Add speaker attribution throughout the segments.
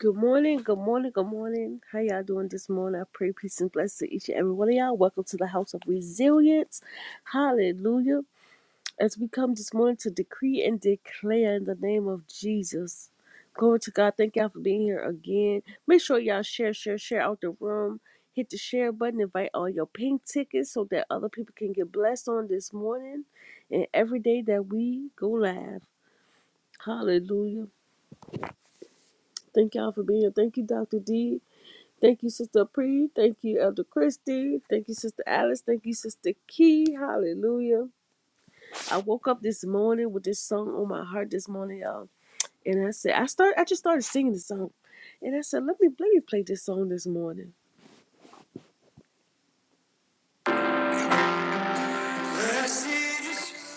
Speaker 1: Good morning, good morning, good morning. How y'all doing this morning? I pray peace and blessing to each and every one of y'all. Welcome to the house of resilience. Hallelujah. As we come this morning to decree and declare in the name of Jesus. Glory to God. Thank y'all for being here again. Make sure y'all share, share, share out the room. Hit the share button. Invite all your pink tickets so that other people can get blessed on this morning and every day that we go live. Hallelujah. Thank y'all for being here. Thank you, Dr. D. Thank you, Sister Pre. Thank you, Elder Christie. Thank you, Sister Alice. Thank you, Sister Key. Hallelujah. I woke up this morning with this song on my heart this morning, y'all. And I said, I start I just started singing the song. And I said, let me let me play this song this morning. Blessed is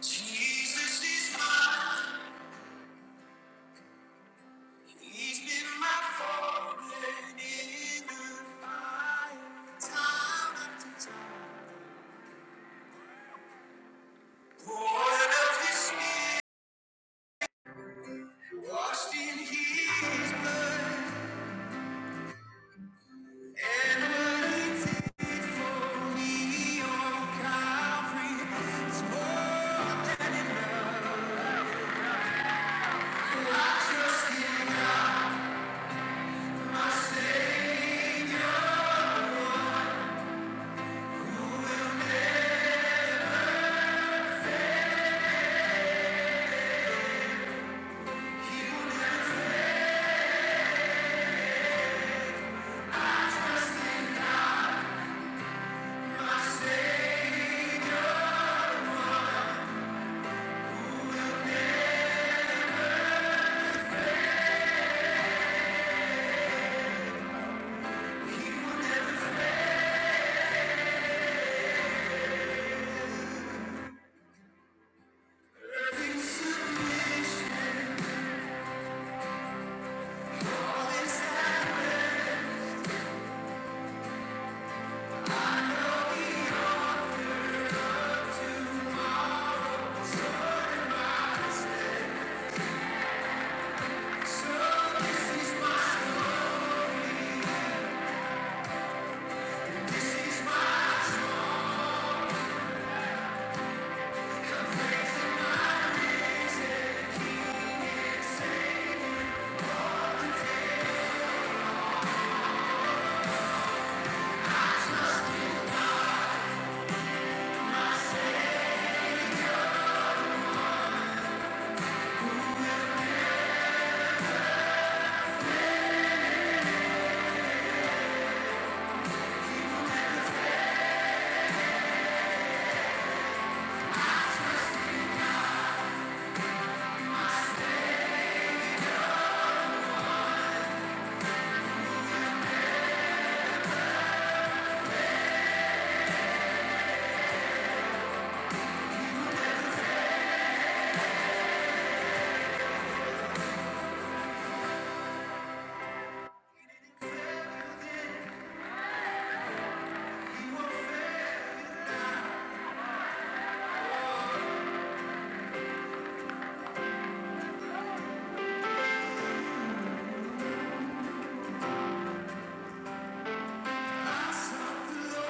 Speaker 1: Jesus is mine. He's been my forefather in the fight, time after time. Born of his spirit, washed in his blood. Thank you.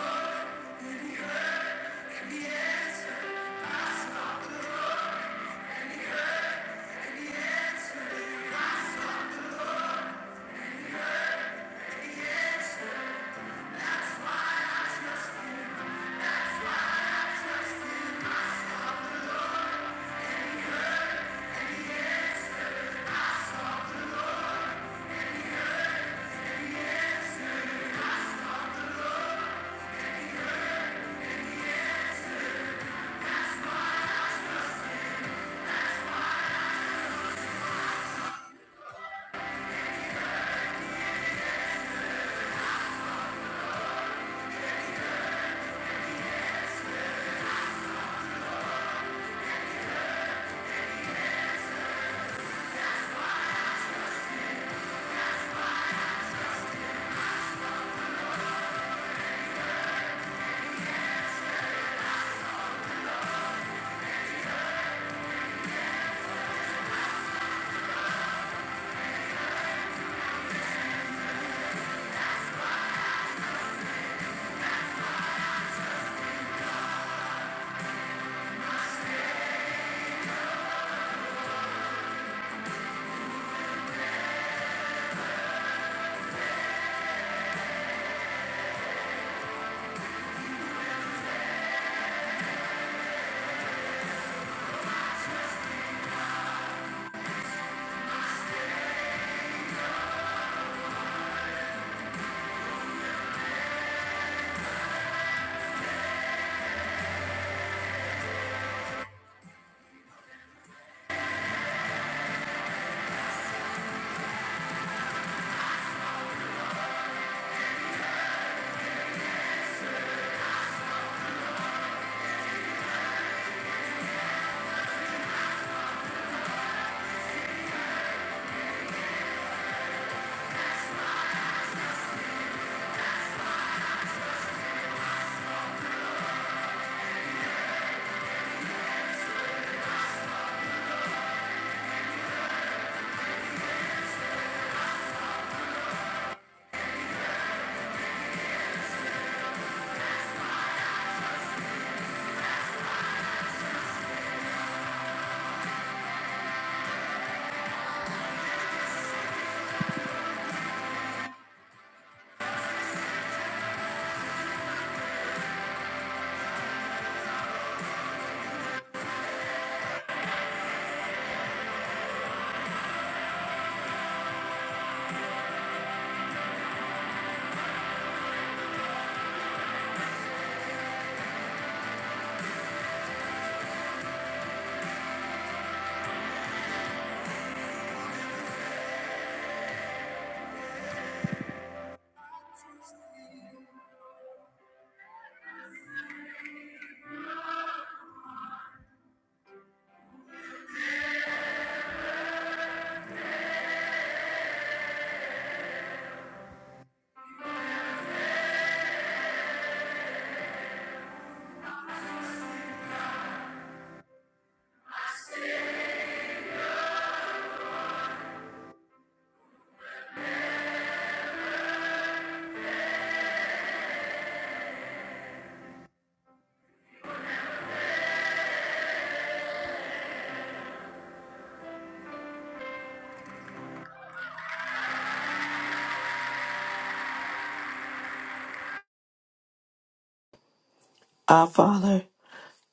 Speaker 2: Our Father,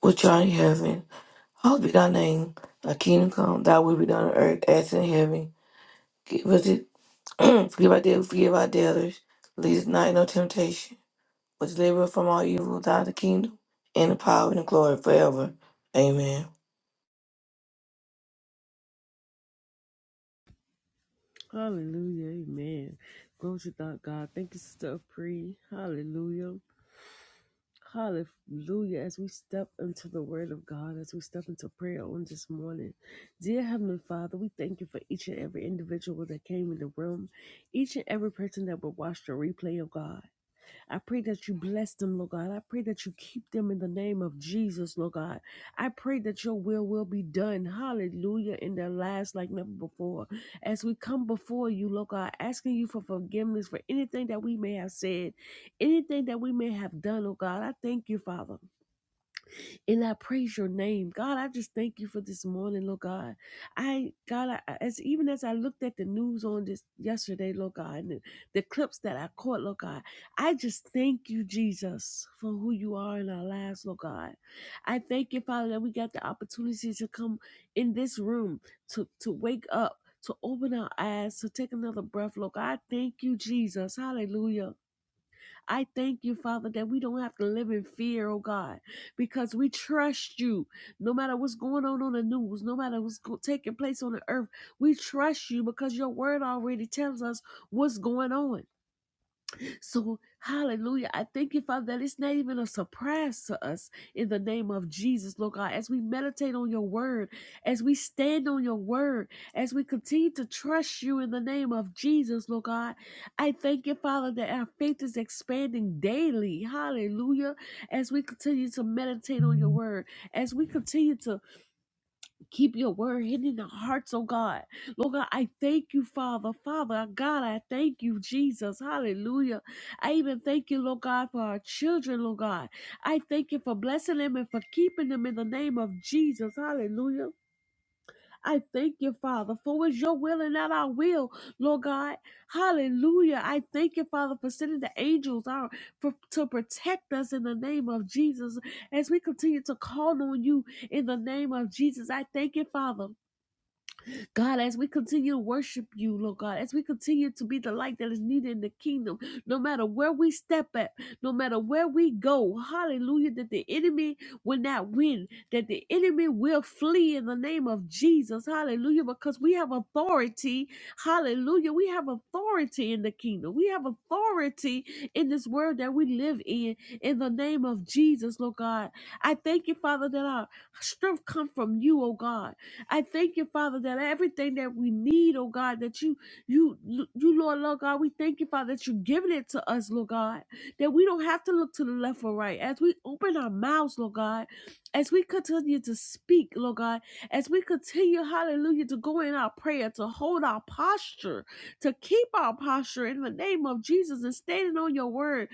Speaker 2: which art in heaven, hallowed be thy name. Thy kingdom come, thy will be done on earth as in heaven. Give us it, forgive our debts, forgive our debtors. Lead us not into temptation, but deliver us from all evil. Thou art the kingdom, and the power, and the glory forever. Amen.
Speaker 1: Hallelujah. Amen. Glory to thy God. Thank you, Sister Pre. Hallelujah. Hallelujah. As we step into the word of God, as we step into prayer on this morning, dear Heavenly Father, we thank you for each and every individual that came in the room, each and every person that will watch the replay of God. I pray that you bless them, Lord God. I pray that you keep them in the name of Jesus, Lord God. I pray that your will will be done, hallelujah, in their lives like never before. As we come before you, Lord God, asking you for forgiveness for anything that we may have said, anything that we may have done, Lord God, I thank you, Father and I praise your name. God, I just thank you for this morning, Lord God. I God, I, as even as I looked at the news on this yesterday, Lord God, and the, the clips that I caught, Lord God, I just thank you, Jesus, for who you are in our lives, Lord God. I thank you, Father, that we got the opportunity to come in this room to to wake up. To open our eyes, to take another breath. Lord God, I thank you, Jesus. Hallelujah. I thank you, Father, that we don't have to live in fear, oh God, because we trust you. No matter what's going on on the news, no matter what's go- taking place on the earth, we trust you because your word already tells us what's going on. So, hallelujah. I thank you, Father, that it's not even a surprise to us in the name of Jesus, Lord God. As we meditate on your word, as we stand on your word, as we continue to trust you in the name of Jesus, Lord God, I thank you, Father, that our faith is expanding daily. Hallelujah. As we continue to meditate on your word, as we continue to Keep your word hidden in our hearts, oh God. Lord God, I thank you, Father. Father, God, I thank you, Jesus. Hallelujah. I even thank you, Lord God, for our children, Lord God. I thank you for blessing them and for keeping them in the name of Jesus. Hallelujah. I thank you, Father, for it's your will and not our will, Lord God. Hallelujah. I thank you, Father, for sending the angels out for, to protect us in the name of Jesus. As we continue to call on you in the name of Jesus, I thank you, Father. God, as we continue to worship you, Lord God, as we continue to be the light that is needed in the kingdom, no matter where we step at, no matter where we go, hallelujah, that the enemy will not win, that the enemy will flee in the name of Jesus, hallelujah, because we have authority, hallelujah, we have authority in the kingdom, we have authority in this world that we live in, in the name of Jesus, Lord God. I thank you, Father, that our strength come from you, oh God. I thank you, Father, that everything that we need, oh God, that you, you, you, Lord, Lord God, we thank you, Father, that you're giving it to us, Lord God, that we don't have to look to the left or right. As we open our mouths, Lord God, as we continue to speak, Lord God, as we continue, hallelujah, to go in our prayer, to hold our posture, to keep our posture in the name of Jesus and standing on your word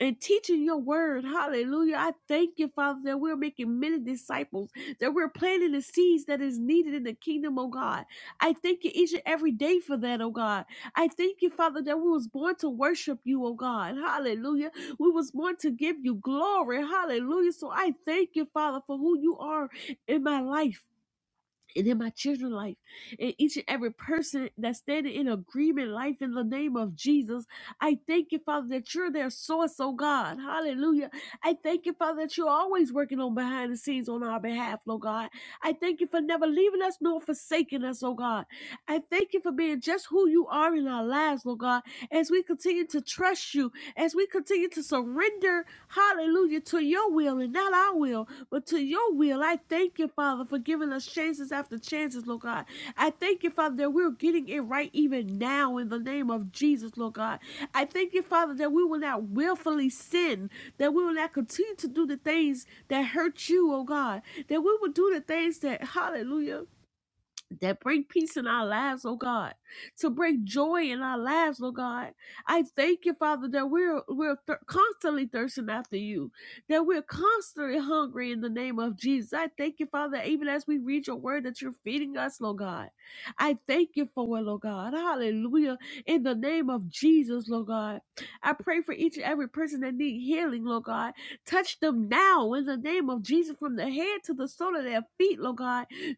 Speaker 1: and teaching your word. Hallelujah. I thank you, Father, that we're making many disciples that we're planting the seeds that is needed in the kingdom, oh God. I thank you each and every day for that, oh God. I thank you, Father, that we was born to worship you, oh God. Hallelujah. We was born to give you glory. Hallelujah. So I thank you, Father, for who you are in my life and in my children's life, and each and every person that's standing in agreement, life in the name of Jesus. I thank you, Father, that you're their source, oh God. Hallelujah. I thank you, Father, that you're always working on behind the scenes on our behalf, oh God. I thank you for never leaving us nor forsaking us, oh God. I thank you for being just who you are in our lives, oh God, as we continue to trust you as we continue to surrender, hallelujah, to your will and not our will, but to your will. I thank you, Father, for giving us chances after chances, Lord God. I thank you, Father, that we're getting it right even now in the name of Jesus, Lord God. I thank you, Father, that we will not willfully sin, that we will not continue to do the things that hurt you, oh God, that we will do the things that, hallelujah that bring peace in our lives, oh God, to bring joy in our lives, oh God. I thank you, Father, that we're we're thir- constantly thirsting after you, that we're constantly hungry in the name of Jesus. I thank you, Father, even as we read your word, that you're feeding us, Lord God. I thank you for it, Lord God. Hallelujah. In the name of Jesus, Lord God. I pray for each and every person that need healing, Lord God. Touch them now in the name of Jesus from the head to the sole of their feet, Lord God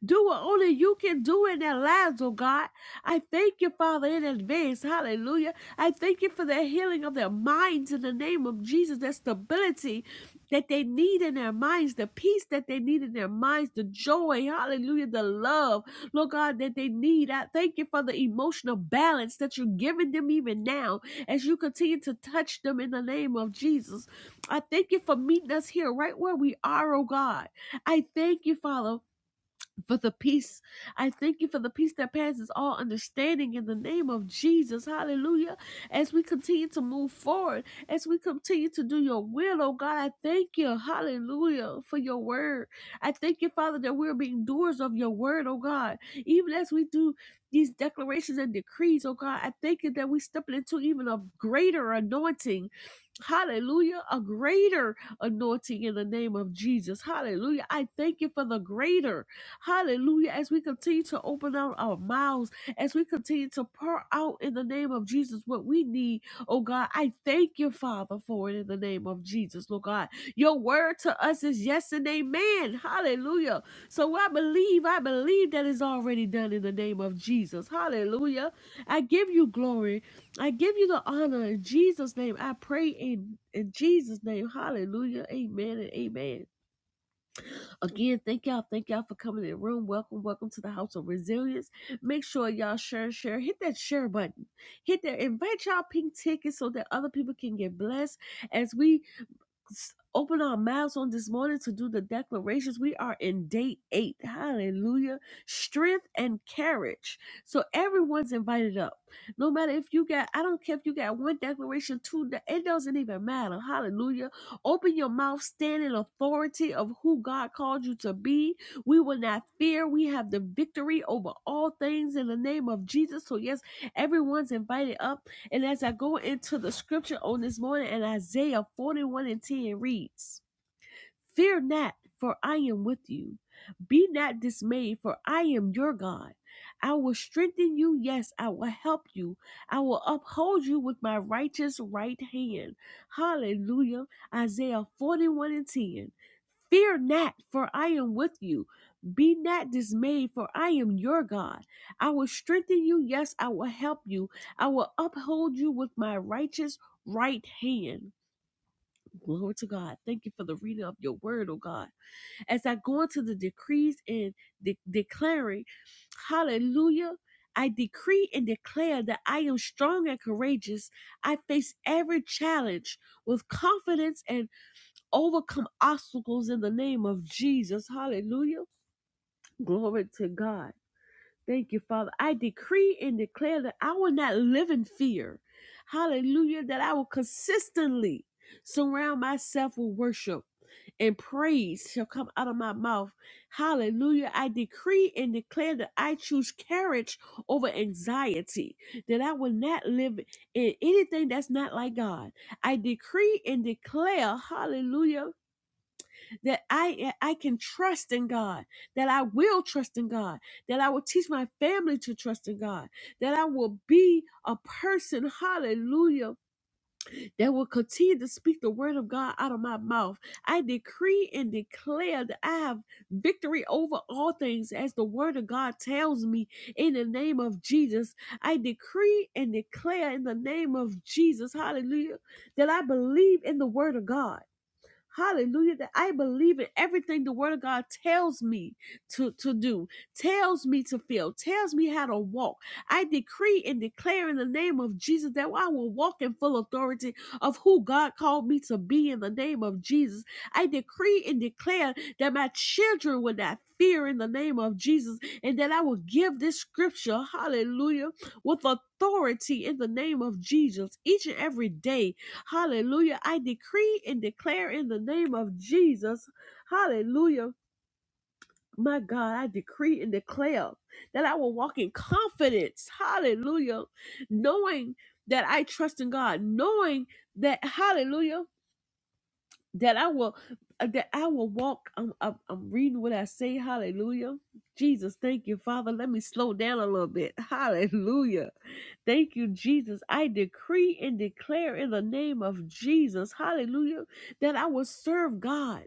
Speaker 1: do what only you can do in their lives, oh God. I thank you, Father, in advance. Hallelujah. I thank you for the healing of their minds in the name of Jesus, the stability that they need in their minds, the peace that they need in their minds, the joy, hallelujah, the love, Lord God, that they need. I thank you for the emotional balance that you're giving them even now as you continue to touch them in the name of Jesus. I thank you for meeting us here right where we are, oh God. I thank you, Father for the peace. I thank you for the peace that passes all understanding in the name of Jesus. Hallelujah. As we continue to move forward, as we continue to do your will, oh God, I thank you. Hallelujah for your word. I thank you, Father, that we're being doers of your word, oh God. Even as we do these declarations and decrees, oh God, I thank you that we step into even a greater anointing. Hallelujah. A greater anointing in the name of Jesus. Hallelujah. I thank you for the greater. Hallelujah. As we continue to open out our mouths, as we continue to pour out in the name of Jesus what we need, oh God, I thank you, Father, for it in the name of Jesus, Lord God. Your word to us is yes and amen. Hallelujah. So I believe, I believe that is already done in the name of Jesus. Hallelujah. I give you glory. I give you the honor in Jesus' name. I pray in, in Jesus' name. Hallelujah. Amen and amen. Again, thank y'all. Thank y'all for coming in the room. Welcome, welcome to the House of Resilience. Make sure y'all share, share, hit that share button. Hit that invite y'all pink tickets so that other people can get blessed as we s- open our mouths on this morning to do the declarations. We are in day eight. Hallelujah. Strength and courage. So everyone's invited up. No matter if you got, I don't care if you got one declaration, two, de- it doesn't even matter. Hallelujah. Open your mouth, stand in authority of who God called you to be. We will not fear. We have the victory over all things in the name of Jesus. So, yes, everyone's invited up. And as I go into the scripture on this morning in Isaiah 41 and 10 reads, Fear not, for I am with you. Be not dismayed, for I am your God. I will strengthen you. Yes, I will help you. I will uphold you with my righteous right hand. Hallelujah. Isaiah 41 and 10. Fear not, for I am with you. Be not dismayed, for I am your God. I will strengthen you. Yes, I will help you. I will uphold you with my righteous right hand. Glory to God. Thank you for the reading of your word, oh God. As I go into the decrees and de- declaring, hallelujah, I decree and declare that I am strong and courageous. I face every challenge with confidence and overcome obstacles in the name of Jesus. Hallelujah. Glory to God. Thank you, Father. I decree and declare that I will not live in fear. Hallelujah. That I will consistently surround myself with worship and praise shall come out of my mouth. Hallelujah. I decree and declare that I choose courage over anxiety, that I will not live in anything that's not like God. I decree and declare, hallelujah that I eh, I can trust in God, that I will trust in God, that I will teach my family to trust in God, that I will be a person, hallelujah, that will continue to speak the word of God out of my mouth. I decree and declare that I have victory over all things as the word of God tells me in the name of Jesus. I decree and declare in the name of Jesus, hallelujah, that I believe in the word of God. Hallelujah. That I believe in everything the word of God tells me to, to do, tells me to feel, tells me how to walk. I decree and declare in the name of Jesus that I will walk in full authority of who God called me to be in the name of Jesus. I decree and declare that my children will not fear in the name of Jesus and that I will give this scripture, hallelujah, with authority in the name of Jesus each and every day Hallelujah. I decree and declare in the name of Jesus. Hallelujah. My God, I decree and declare that I will walk in confidence. Hallelujah. Knowing that I trust in God, knowing that, hallelujah, that I will. uh, That I will walk. I'm, I'm, I'm reading what I say. Hallelujah. Jesus, thank you, Father. Let me slow down a little bit. Hallelujah. Thank you, Jesus. I decree and declare in the name of Jesus, hallelujah, that I will serve God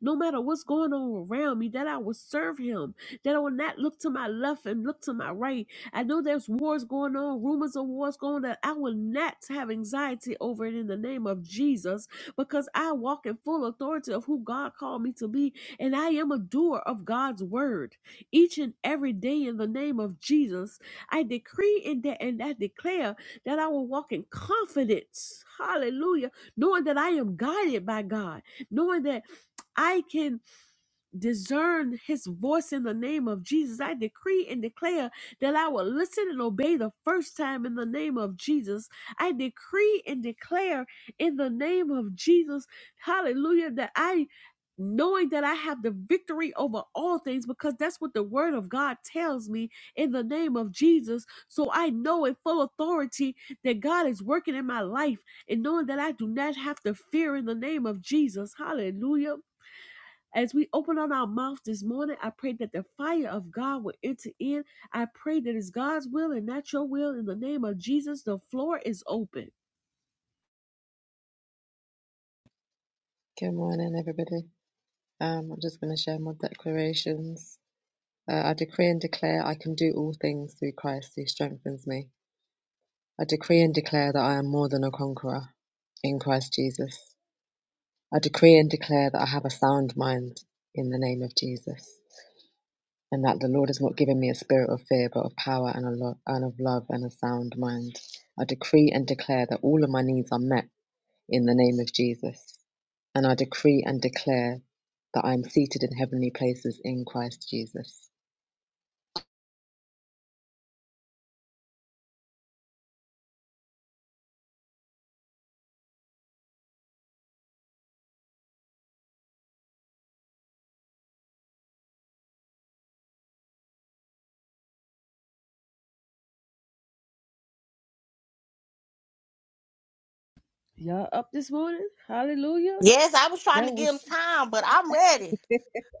Speaker 1: no matter what's going on around me, that I will serve him, that I will not look to my left and look to my right. I know there's wars going on, rumors of wars going on, that I will not have anxiety over it in the name of Jesus because I walk in full authority of who God called me to be, and I am a doer of God's word each and every day in the name of Jesus. I decree and, de- and I declare that I will walk in confidence. Hallelujah. Knowing that I am guided by God, knowing that I can discern his voice in the name of Jesus. I decree and declare that I will listen and obey the first time in the name of Jesus. I decree and declare in the name of Jesus, hallelujah, that I knowing that I have the victory over all things because that's what the word of God tells me in the name of Jesus. So I know in full authority that God is working in my life and knowing that I do not have to fear in the name of Jesus. Hallelujah. As we open on our mouth this morning, I pray that the fire of God will enter in. I pray that it's God's will and not your will. In the name of Jesus, the floor is open.
Speaker 3: Good morning, everybody. Um, I'm just going to share my declarations. Uh, I decree and declare I can do all things through Christ who strengthens me. I decree and declare that I am more than a conqueror in Christ Jesus. I decree and declare that I have a sound mind in the name of Jesus, and that the Lord has not given me a spirit of fear, but of power and, a lo- and of love and a sound mind. I decree and declare that all of my needs are met in the name of Jesus. and I decree and declare that I am seated in heavenly places in Christ Jesus.
Speaker 1: Y'all up this morning? Hallelujah.
Speaker 4: Yes, I was trying to
Speaker 1: That
Speaker 4: give him
Speaker 1: was
Speaker 4: time, but I'm ready.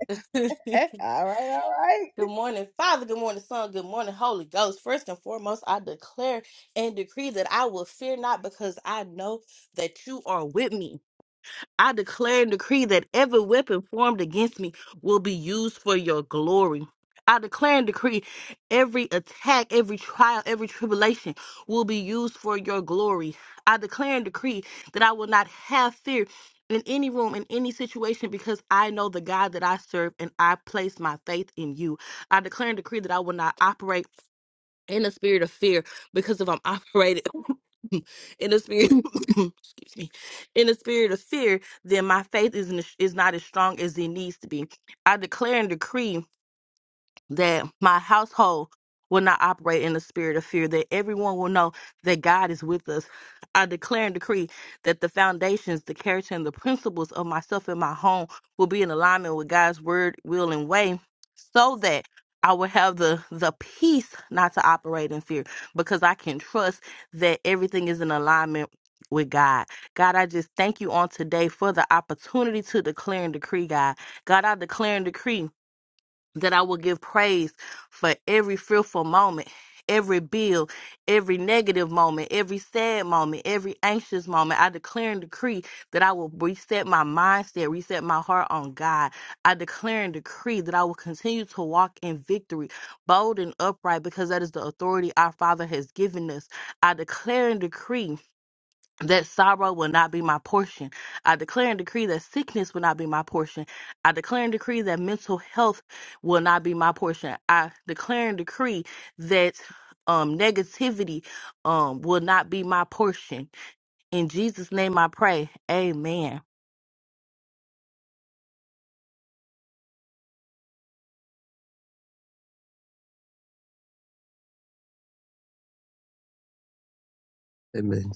Speaker 4: good
Speaker 1: all right, all right.
Speaker 4: morning, Father. Good morning, Son. Good morning, Holy Ghost. First and foremost, I declare and decree that I will fear not because I know that you are with me. I declare and decree that every weapon formed against me will be used for your glory. I declare and decree every attack, every trial, every tribulation will be used for your glory. I declare and decree that I will not have fear in any room, in any situation, because I know the God that I serve and I place my faith in you. I declare and decree that I will not operate in a spirit of fear because if I'm operating in the spirit excuse me in the spirit of fear then my faith is, is not as strong as it needs to be i declare and decree that my household will not operate in the spirit of fear, that everyone will know that God is with us. I declare and decree that the foundations, the character, and the principles of myself and my home will be in alignment with God's word, will, and way so that I will have the, the peace not to operate in fear because I can trust that everything is in alignment with God. God, I just thank you on today for the opportunity to declare and decree, God. God, I declare and decree that I will give praise for every fearful moment, every bill, every negative moment, every sad moment, every anxious moment. I declare and decree that I will reset my mindset, reset my heart on God. I declare and decree that I will continue to walk in victory, bold and upright, because that is the authority our Father has given us. I declare and decree that sorrow will not be my portion. I declare and decree that sickness will not be my portion. I declare and decree that mental health will not be my portion. I declare and decree that um negativity um will not be my portion. In Jesus name I pray. Amen.
Speaker 5: Amen.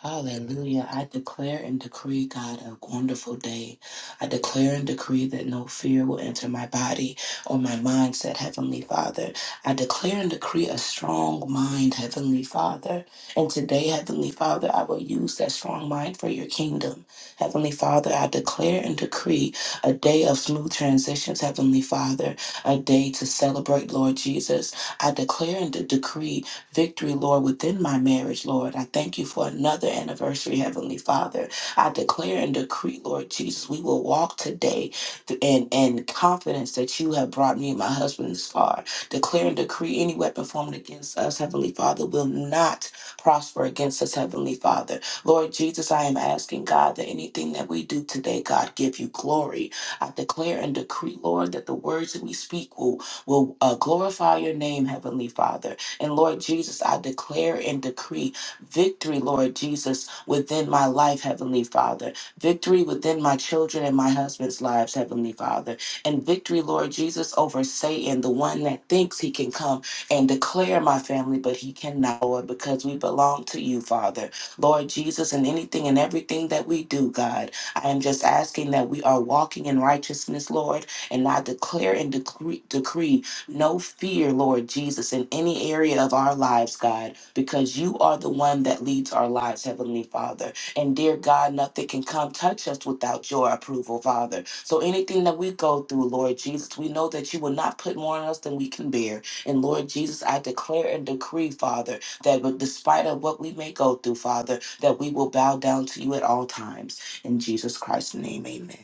Speaker 6: Hallelujah. I declare and decree, God, a wonderful day. I declare and decree that no fear will enter my body or my mind, said Heavenly Father. I declare and decree a strong mind, Heavenly Father. And today, Heavenly Father, I will use that strong mind for your kingdom. Heavenly Father, I declare and decree a day of smooth transitions, Heavenly Father, a day to celebrate, Lord Jesus. I declare and de- decree victory, Lord, within my marriage, Lord. I thank you for another anniversary, Heavenly Father. I declare and decree, Lord Jesus, we will walk today th- in, in confidence that you have brought me and my husband this far. Declare and decree any weapon formed against us, Heavenly Father, will not prosper against us, Heavenly Father. Lord Jesus, I am asking, God, that anything that we do today, God, give you glory. I declare and decree, Lord, that the words that we speak will, will uh, glorify your name, Heavenly Father. And Lord Jesus, I declare and decree victory, Lord Jesus, within my life, Heavenly Father. Victory within my children and my husband's lives, Heavenly Father. And victory, Lord Jesus, over Satan, the one that thinks he can come and declare my family, but he cannot, Lord, because we belong to you, Father. Lord Jesus, in anything and everything that we do, God, I am just asking that we are walking in righteousness, Lord, and I declare and decree, decree no fear, Lord Jesus, in any area of our lives, God, because you are the one that leads our lives, Heavenly Father. And dear God, nothing can come touch us without your approval, Father. So anything that we go through, Lord Jesus, we know that you will not put more on us than we can bear. And Lord Jesus, I declare and decree, Father, that with- despite of what we may go through, Father, that we will bow down to you at all times. In Jesus Christ's name, amen.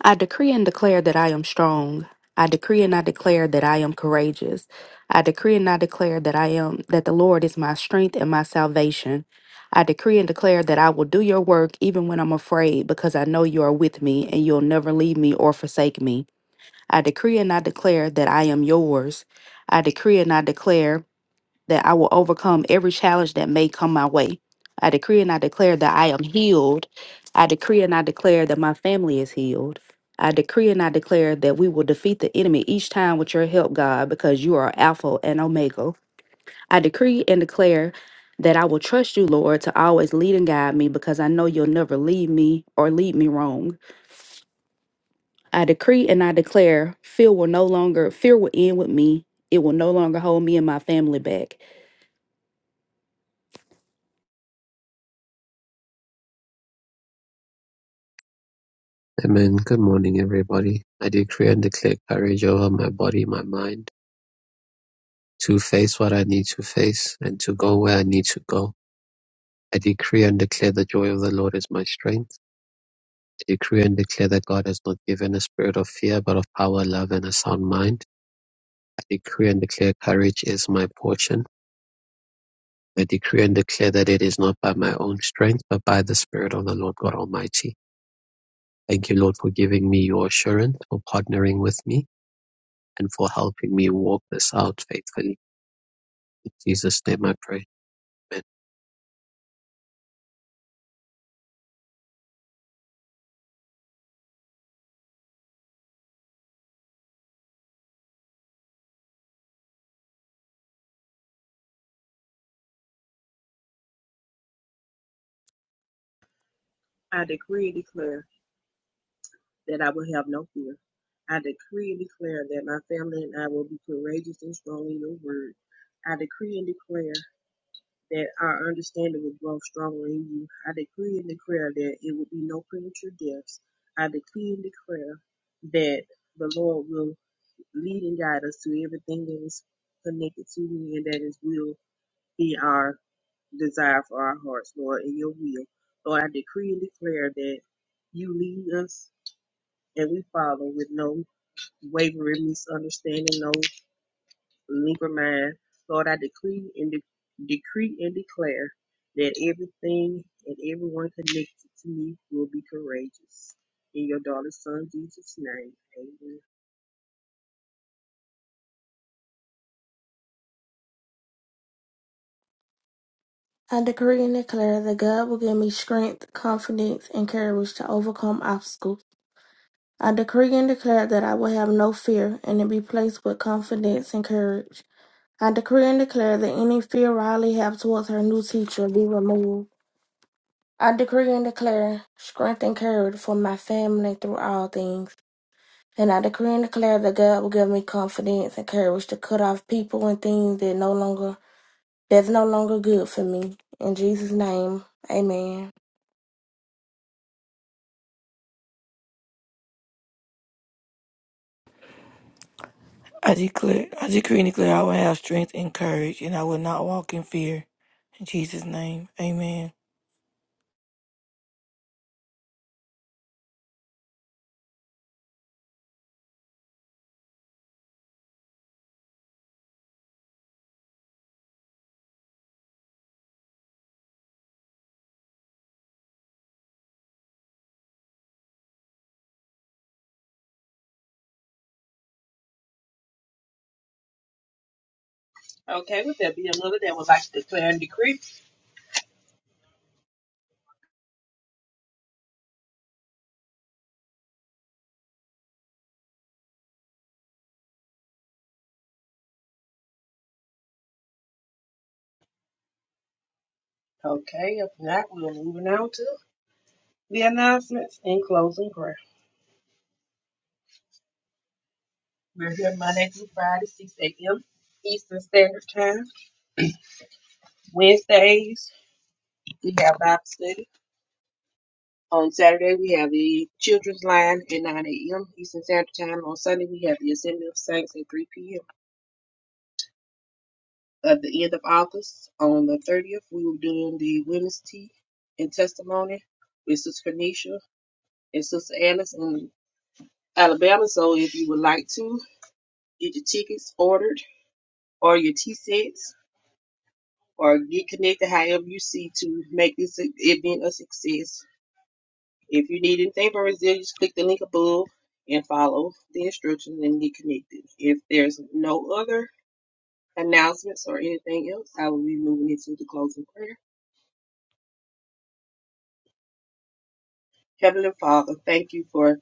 Speaker 7: I decree and declare that I am strong. I decree and I declare that I am courageous. I decree and I declare that I am that the Lord is my strength and my salvation. I decree and declare that I will do your work even when I'm afraid because I know you are with me and you'll never leave me or forsake me. I decree and I declare that I am yours. I decree and I declare that I will overcome every challenge that may come my way. I decree and I declare that I am healed. I decree and I declare that my family is healed. I decree and I declare that we will defeat the enemy each time with your help, God, because you are Alpha and Omega. I decree and declare that I will trust you, Lord, to always lead and guide me because I know you'll never leave me or lead me wrong. I decree and I declare fear will no longer, fear will end with me. It will no longer hold me and my family back.
Speaker 5: Amen. Good morning, everybody. I decree and declare courage over my body, my mind, to face what I need to face and to go where I need to go. I decree and declare the joy of the Lord is my strength. I decree and declare that God has not given a spirit of fear, but of power, love, and a sound mind. I decree and declare courage is my portion. I decree and declare that it is not by my own strength, but by the Spirit of the Lord God Almighty. Thank you, Lord, for giving me your assurance, for partnering with me. and for helping me walk this out faithfully. In Jesus' name I pray. Amen.
Speaker 8: I decree and declare that I will have no fear. I decree and declare that my family and I will be courageous and strong in your word. I decree and declare that our understanding will grow stronger in you. I decree and declare that it will be no premature deaths. I decree and declare that the Lord will lead and guide us to everything that is connected to you and that is will be our desire for our hearts, Lord, in your will. Lord, I decree and declare that you lead us and we follow with no wavering misunderstanding, no lingering mind. Lord, I decree and de- decree and declare that everything and everyone connected to me will be courageous. In your daughter's son Jesus' name, amen.
Speaker 9: I decree and declare that God will give me strength, confidence, and courage to overcome obstacles. I decree and declare that I will have no fear and to be placed with confidence and courage. I decree and declare that any fear Riley have towards her new teacher be removed. I decree and declare strength and courage for my family through all things. And I decree and declare that God will give me confidence and courage to cut off people and things that no longer that's no longer good for me. In Jesus' name, amen.
Speaker 2: I declare, I decree and declare I will have strength and courage, and I will not walk in fear. In Jesus' name, amen.
Speaker 8: Okay, would there be another that would like to declare and decree? Okay, if not, we're moving on to the announcements and closing prayer. We're here Monday through Friday, 6 a.m. Eastern Standard Time. Wednesdays, we have Bible study. On Saturday, we have the Children's Line at 9 a.m. Eastern Standard Time. On Sunday, we have the Assembly of Saints at 3 p.m. At the end of August, on the 30th, we will do the Women's Tea and Testimony with Sister Kanisha and Sister Alice in Alabama. So if you would like to, get your tickets ordered or your tea sets or get connected however you see to make this event a success. If you need anything from Resilience, click the link above and follow the instructions and get connected. If there's no other announcements or anything else, I will be moving into the closing prayer. Heavenly Father, thank you for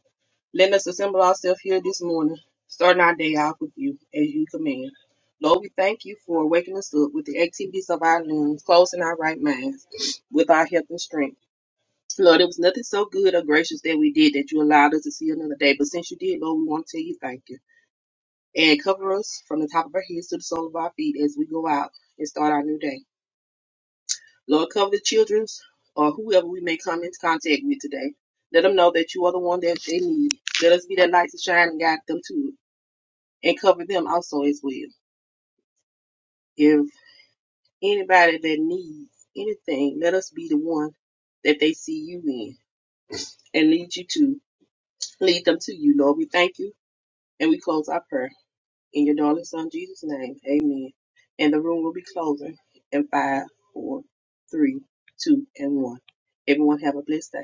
Speaker 8: letting us assemble ourselves here this morning, starting our day off with you as you command. Lord, we thank you for waking us up with the activities of our limbs, closing our right minds with our health and strength. Lord, there was nothing so good or gracious that we did that you allowed us to see another day. But since you did, Lord, we want to tell you thank you. and cover us from the top of our heads to the sole of our feet as we go out and start our new day. Lord, cover the children's or whoever we may come into contact with today. Let them know that you are the one that they need. Let us be that light to shine and guide them to it and cover them also as well. If anybody that needs anything, let us be the one that they see you in and lead you to lead them to you, Lord. We thank you and we close our prayer. In your darling son Jesus' name, amen. And the room will be closing in five, four, three, two, and one. Everyone have a blessed day.